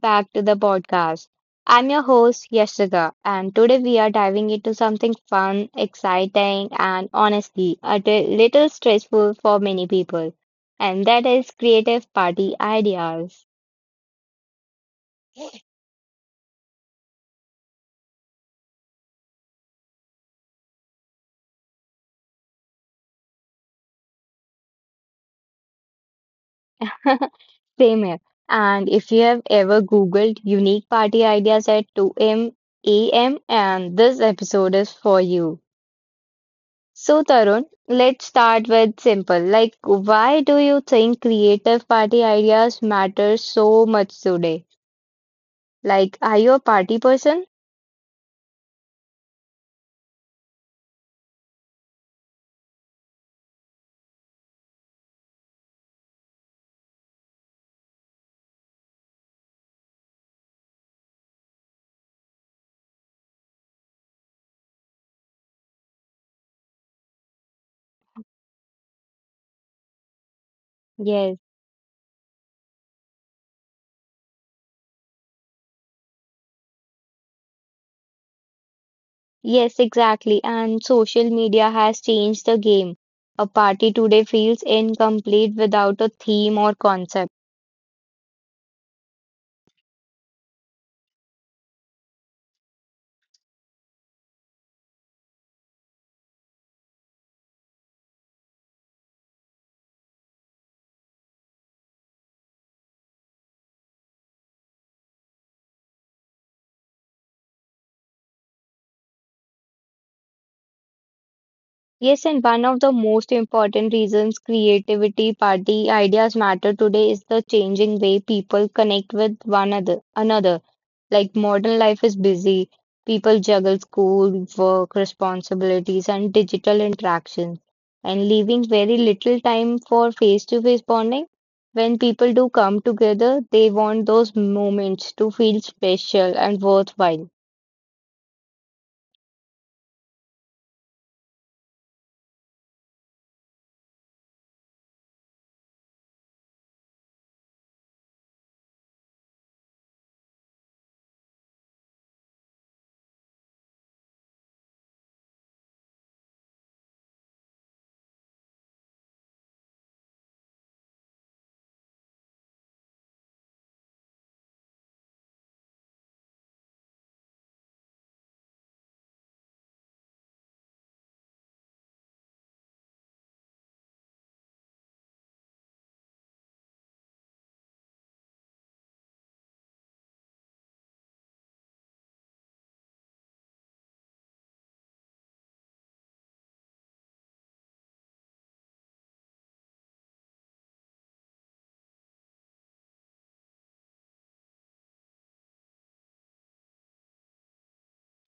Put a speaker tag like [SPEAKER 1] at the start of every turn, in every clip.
[SPEAKER 1] back to the podcast. I'm your host Yashika, and today we are diving into something fun, exciting, and honestly a little stressful for many people, and that is creative party ideas. Same here. And if you have ever googled unique party ideas at 2 a m, and this episode is for you. So, Tarun, let's start with simple. Like, why do you think creative party ideas matter so much today? Like, are you a party person? Yes, yes, exactly. And social media has changed the game. A party today feels incomplete without a theme or concept. Yes, and one of the most important reasons creativity party ideas matter today is the changing way people connect with another. Like, modern life is busy. People juggle school, work, responsibilities, and digital interactions, and leaving very little time for face-to-face bonding. When people do come together, they want those moments to feel special and worthwhile.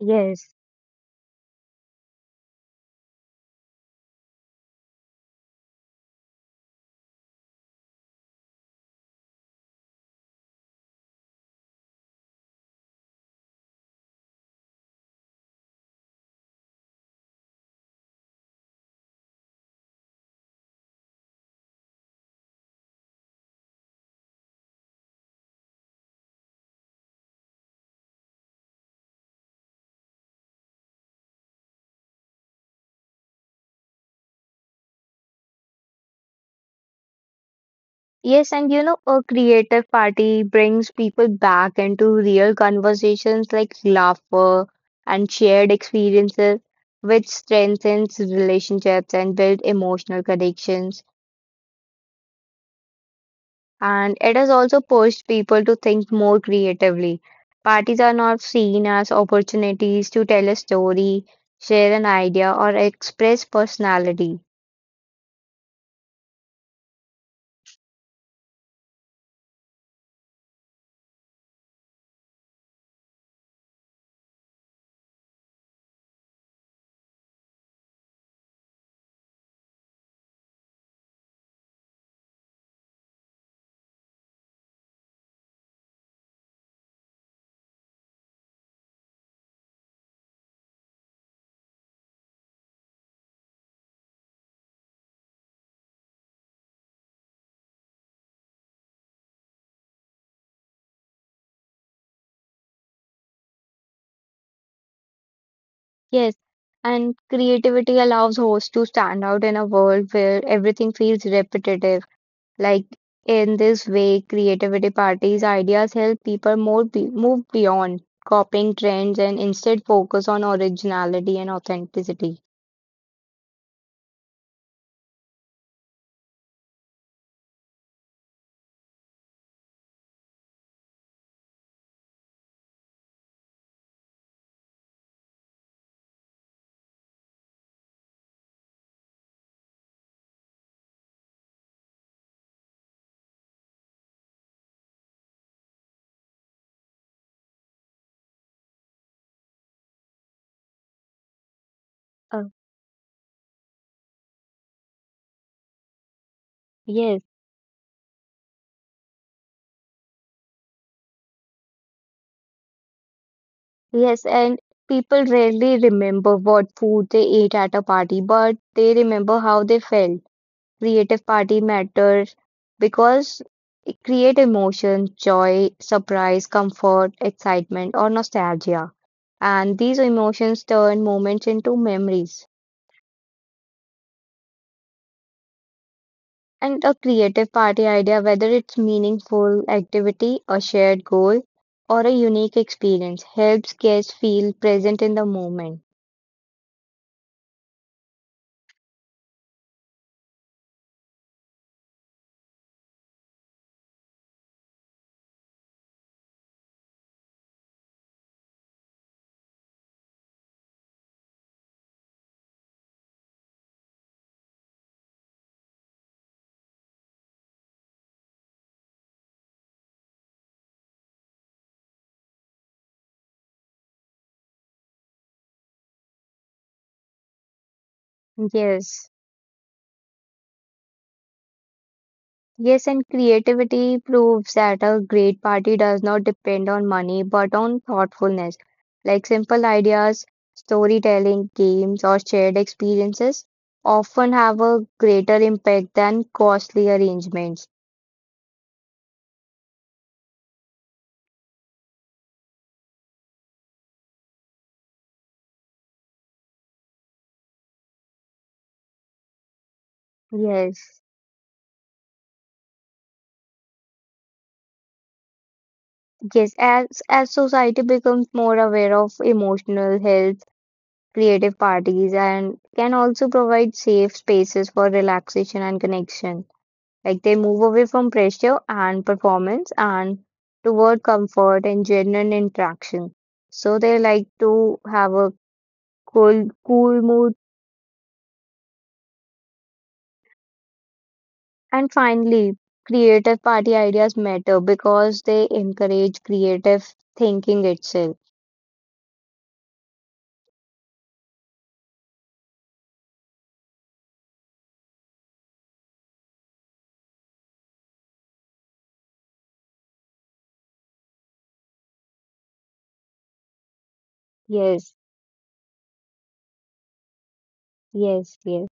[SPEAKER 1] Yes. Yes, and a creative party brings people back into real conversations like laughter and shared experiences, which strengthens relationships and build emotional connections. And it has also pushed people to think more creatively. Parties are not seen as opportunities to tell a story, share an idea, or express personality. Yes, and creativity allows hosts to stand out in a world where everything feels repetitive. Like, in this way, creativity parties ideas help people more be move beyond copying trends and instead focus on originality and authenticity. Uh, yes, yes, and people rarely remember what food they ate at a party, but they remember how they felt. Creative party matters because it create emotion, joy, surprise, comfort, excitement, or nostalgia. And these emotions turn moments into memories. And a creative party idea, whether it's meaningful activity, a shared goal, or a unique experience, helps guests feel present in the moment. Yes. Yes, and creativity proves that a great party does not depend on money but on thoughtfulness. Like, simple ideas, storytelling, games, or shared experiences often have a greater impact than costly arrangements. Yes. Yes, as society becomes more aware of emotional health, creative parties and can also provide safe spaces for relaxation and connection. Like, they move away from pressure and performance and toward comfort and genuine interaction. So they like to have a cool, cool mood. And finally, creative party ideas matter because they encourage creative thinking itself. Yes, yes, yes.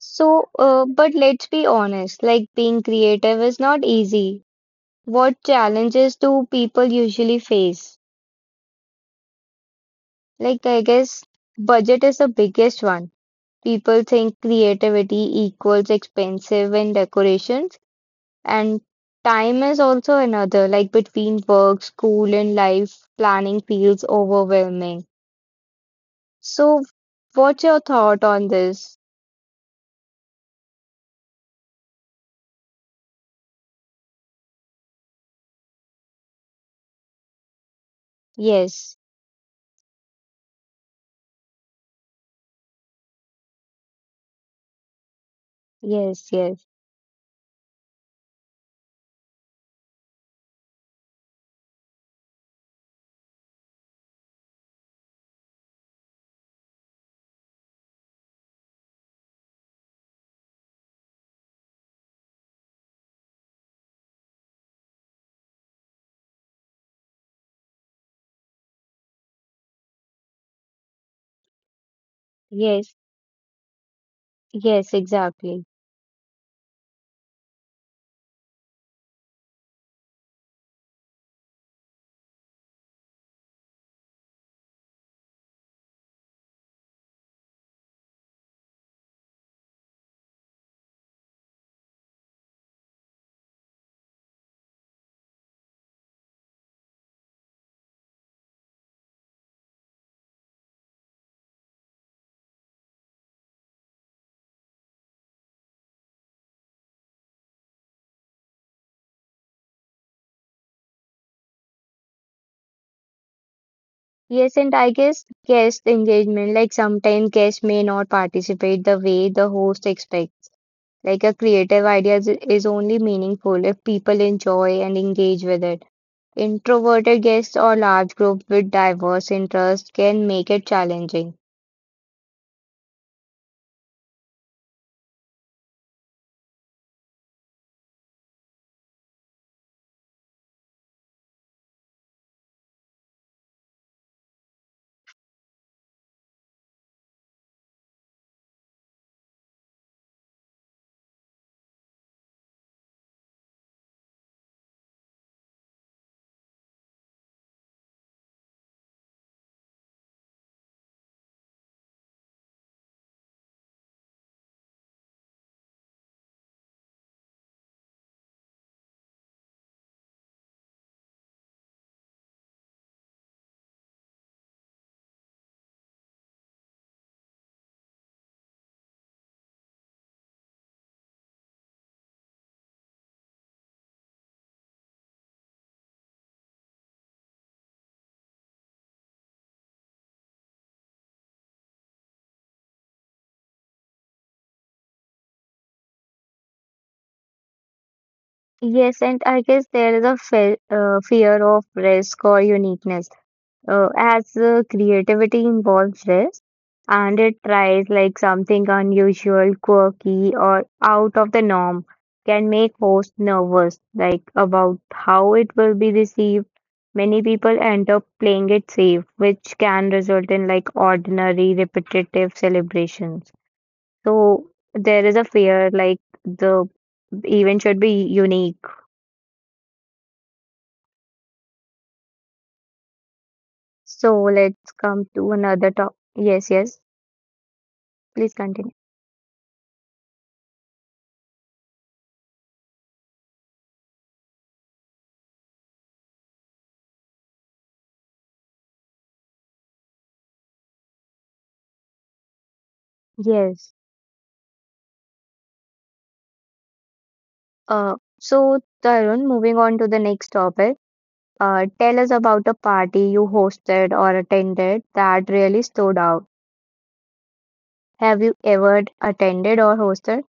[SPEAKER 1] So, but let's be honest, like, being creative is not easy. What challenges do people usually face? Like, I guess budget is the biggest one. People think creativity equals expensive and decorations, and time is also another. Like, between work, school, and life, planning feels overwhelming. So, what's your thought on this? Yes, yes, yes, yes, yes, exactly. Yes, and I guess guest engagement, like, sometimes guests may not participate the way the host expects. Like, a creative idea is only meaningful if people enjoy and engage with it. Introverted guests or large groups with diverse interests can make it challenging. Yes, and I guess there is a fe fear of risk or uniqueness. As creativity involves risk, and it tries like something unusual, quirky, or out of the norm can make hosts nervous, like, about how it will be received. Many people end up playing it safe, which can result in, like, ordinary, repetitive celebrations. So there is a fear like the event should be unique. So let's come to another top. Yes, yes. Please continue. Yes. Tarun, moving on to the next topic, tell us about a party you hosted or attended that really stood out. Have you ever attended or hosted?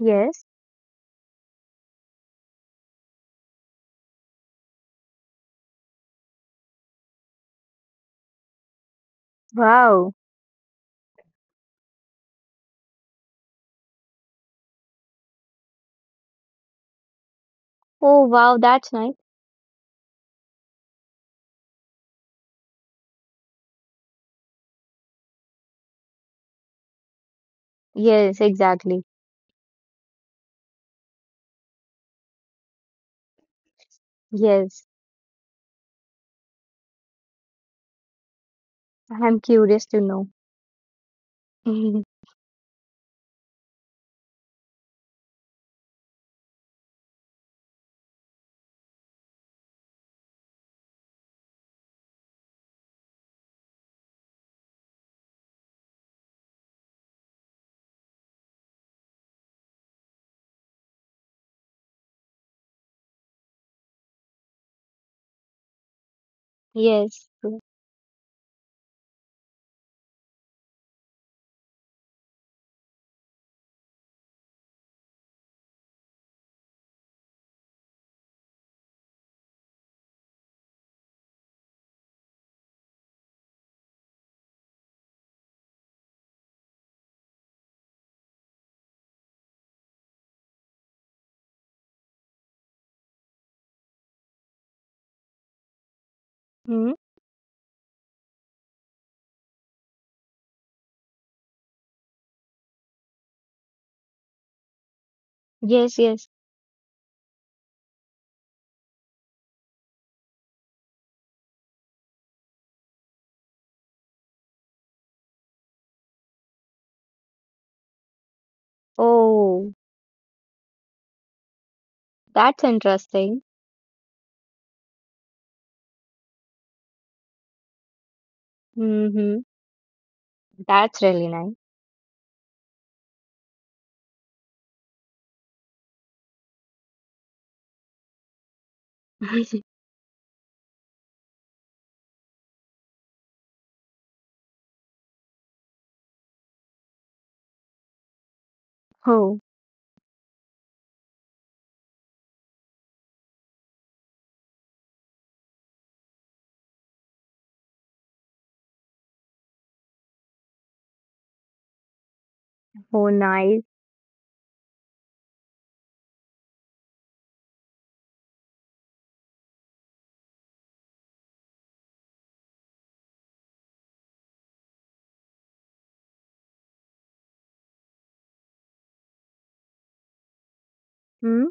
[SPEAKER 1] Yes. Wow. Oh, wow, that's nice. Yes, exactly. Yes. I'm curious to know. Yes. Hmm? Yes, yes. Oh, that's interesting. Mm-hmm. That's really nice. Oh, oh, nice. Hmm?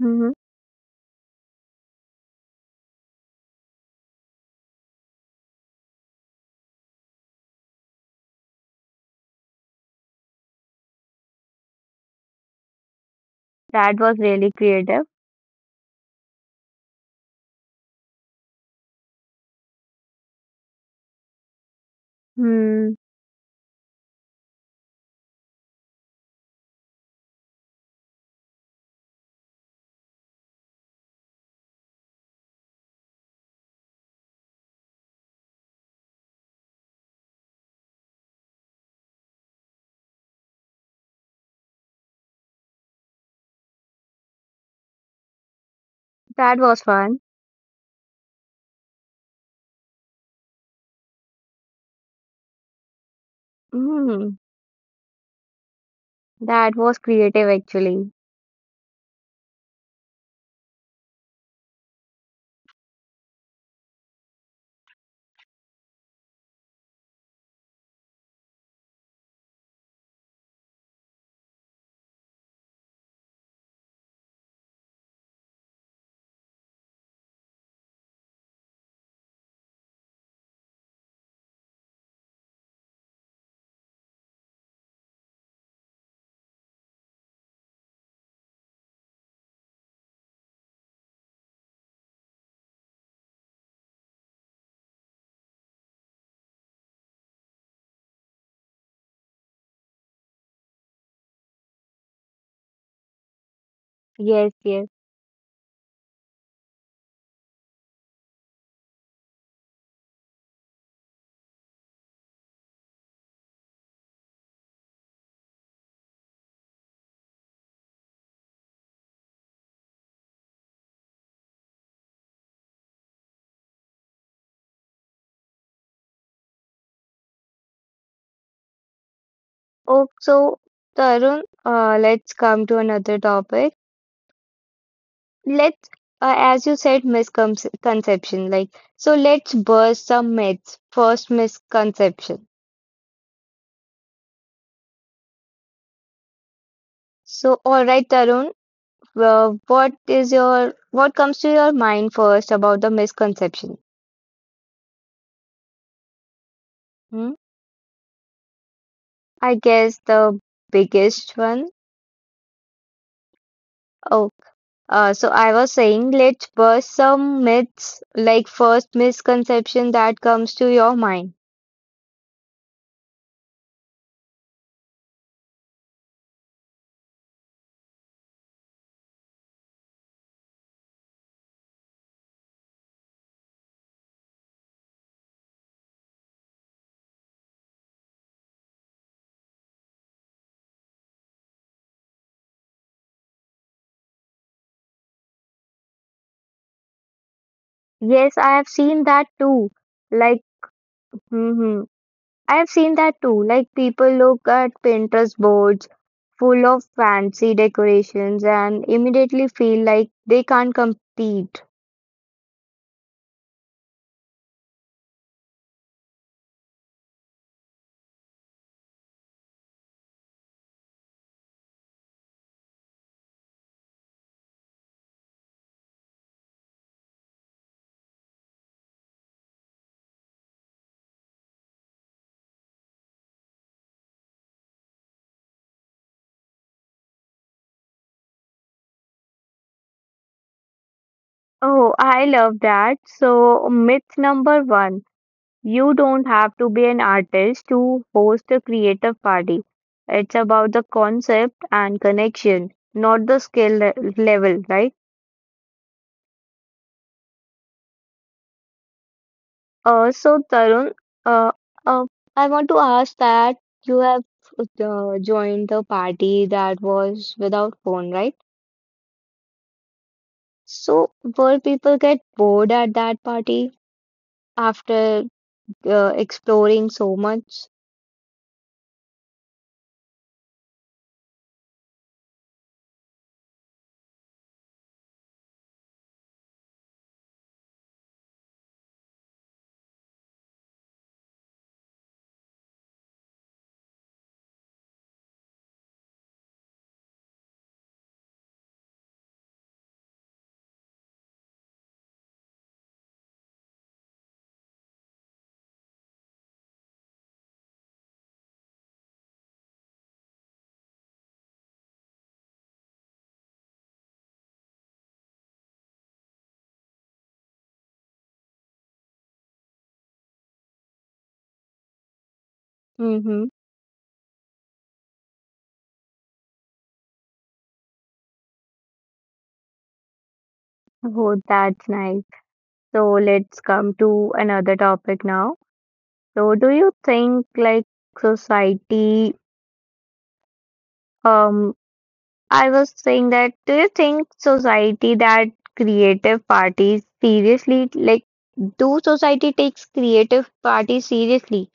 [SPEAKER 1] Mm-hmm. That was really creative. Hmm. That was fun. Mm, that was creative, actually. Yes, yes. Oh, so, Tarun, let's come to another topic. Let's, as you said, misconception. Like, so let's burst some myths. First misconception. So, all right, Tarun, what comes to your mind first about the misconception? Hmm? I guess the biggest one. Oh, I was saying, let's bust some myths, like, first misconception that comes to your mind. Yes, I have seen that too. Like, hmm I have seen that too. Like, people look at Pinterest boards full of fancy decorations and immediately feel like they can't compete. Oh, I love that. So, myth number one. You don't have to be an artist to host a creative party. It's about the concept and connection, not the skill level, right? So, Tarun, uh, uh, I want to ask that you have joined a party that was without phone, right? So were people get bored at that party after exploring so much? Mm-hmm. Oh, that's nice. So let's come to another topic now. So do you think, like, society um I was saying that, do you think society that creative parties seriously, like, do society takes creative parties seriously?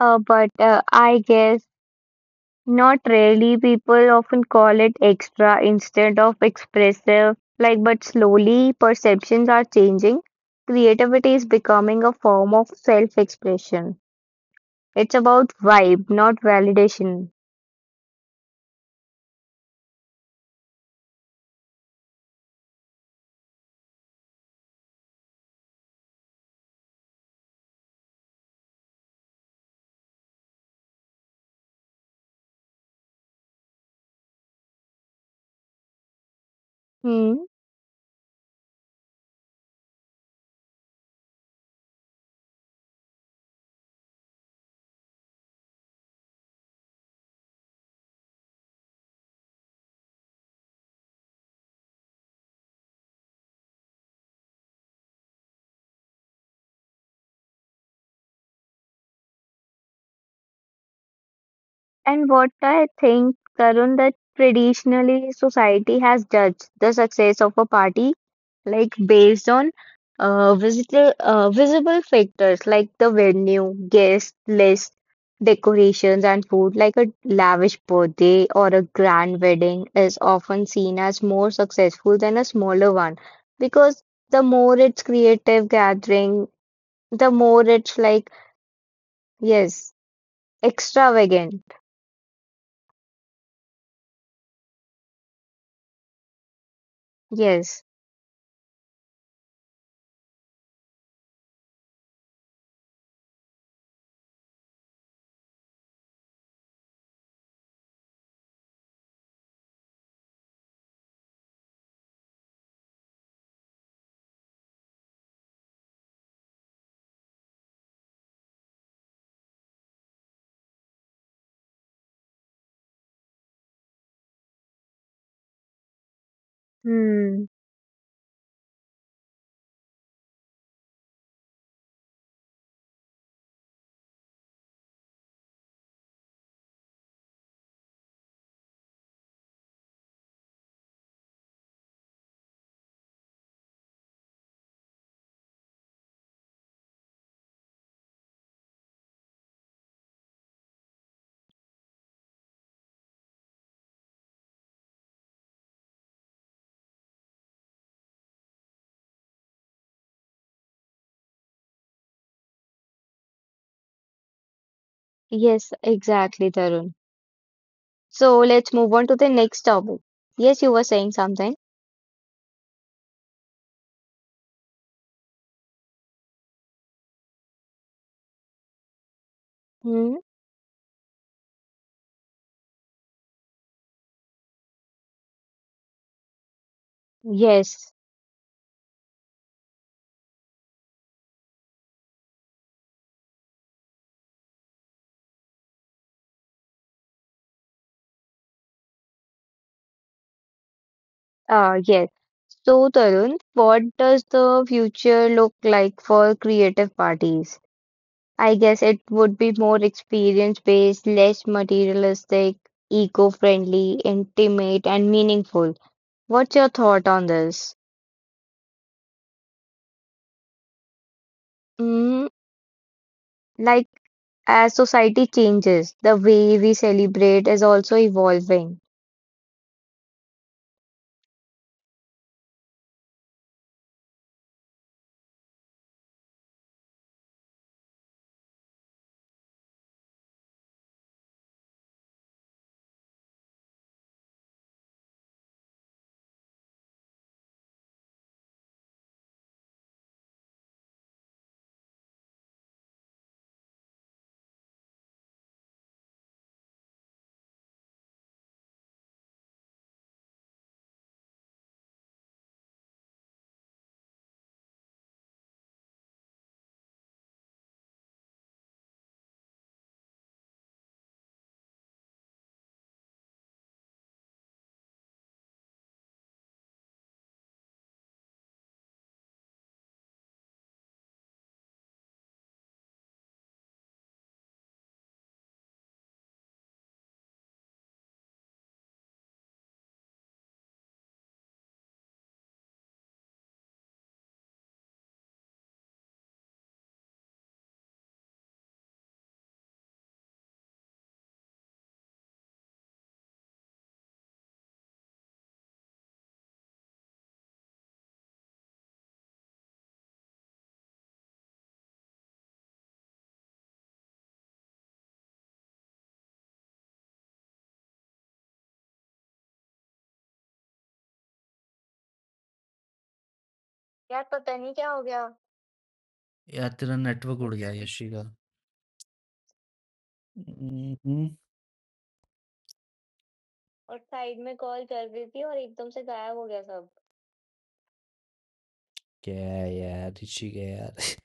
[SPEAKER 1] But I guess not really. People often call it extra instead of expressive. Like, but slowly perceptions are changing. Creativity is becoming a form of self-expression. It's about vibe, not validation. Hmm. And what I think, Tarun, that traditionally society has judged the success of a party, like, based on visible factors like the venue, guest list, decorations, and food. Like, a lavish birthday or a grand wedding is often seen as more successful than a smaller one, because the more it's creative gathering, the more it's like, yes, extravagant. Yes. Hmm. Yes, exactly, Tarun. So let's move on to the next topic. Yes, you were saying something. Hmm. Yes. Yes. So, Tarun, what does the future look like for creative parties? I guess it would be more experience-based, less materialistic, eco-friendly, intimate, and meaningful. What's your thought on this? Mm, like, as society changes, the way we celebrate is also evolving.
[SPEAKER 2] यार पता नहीं क्या हो गया। यार तेरा network उड़ गया। यशी का हम्म, और साइड में कॉल चल रही थी और एकदम से गायब हो गया सब। क्या यार, ऋषि का यार।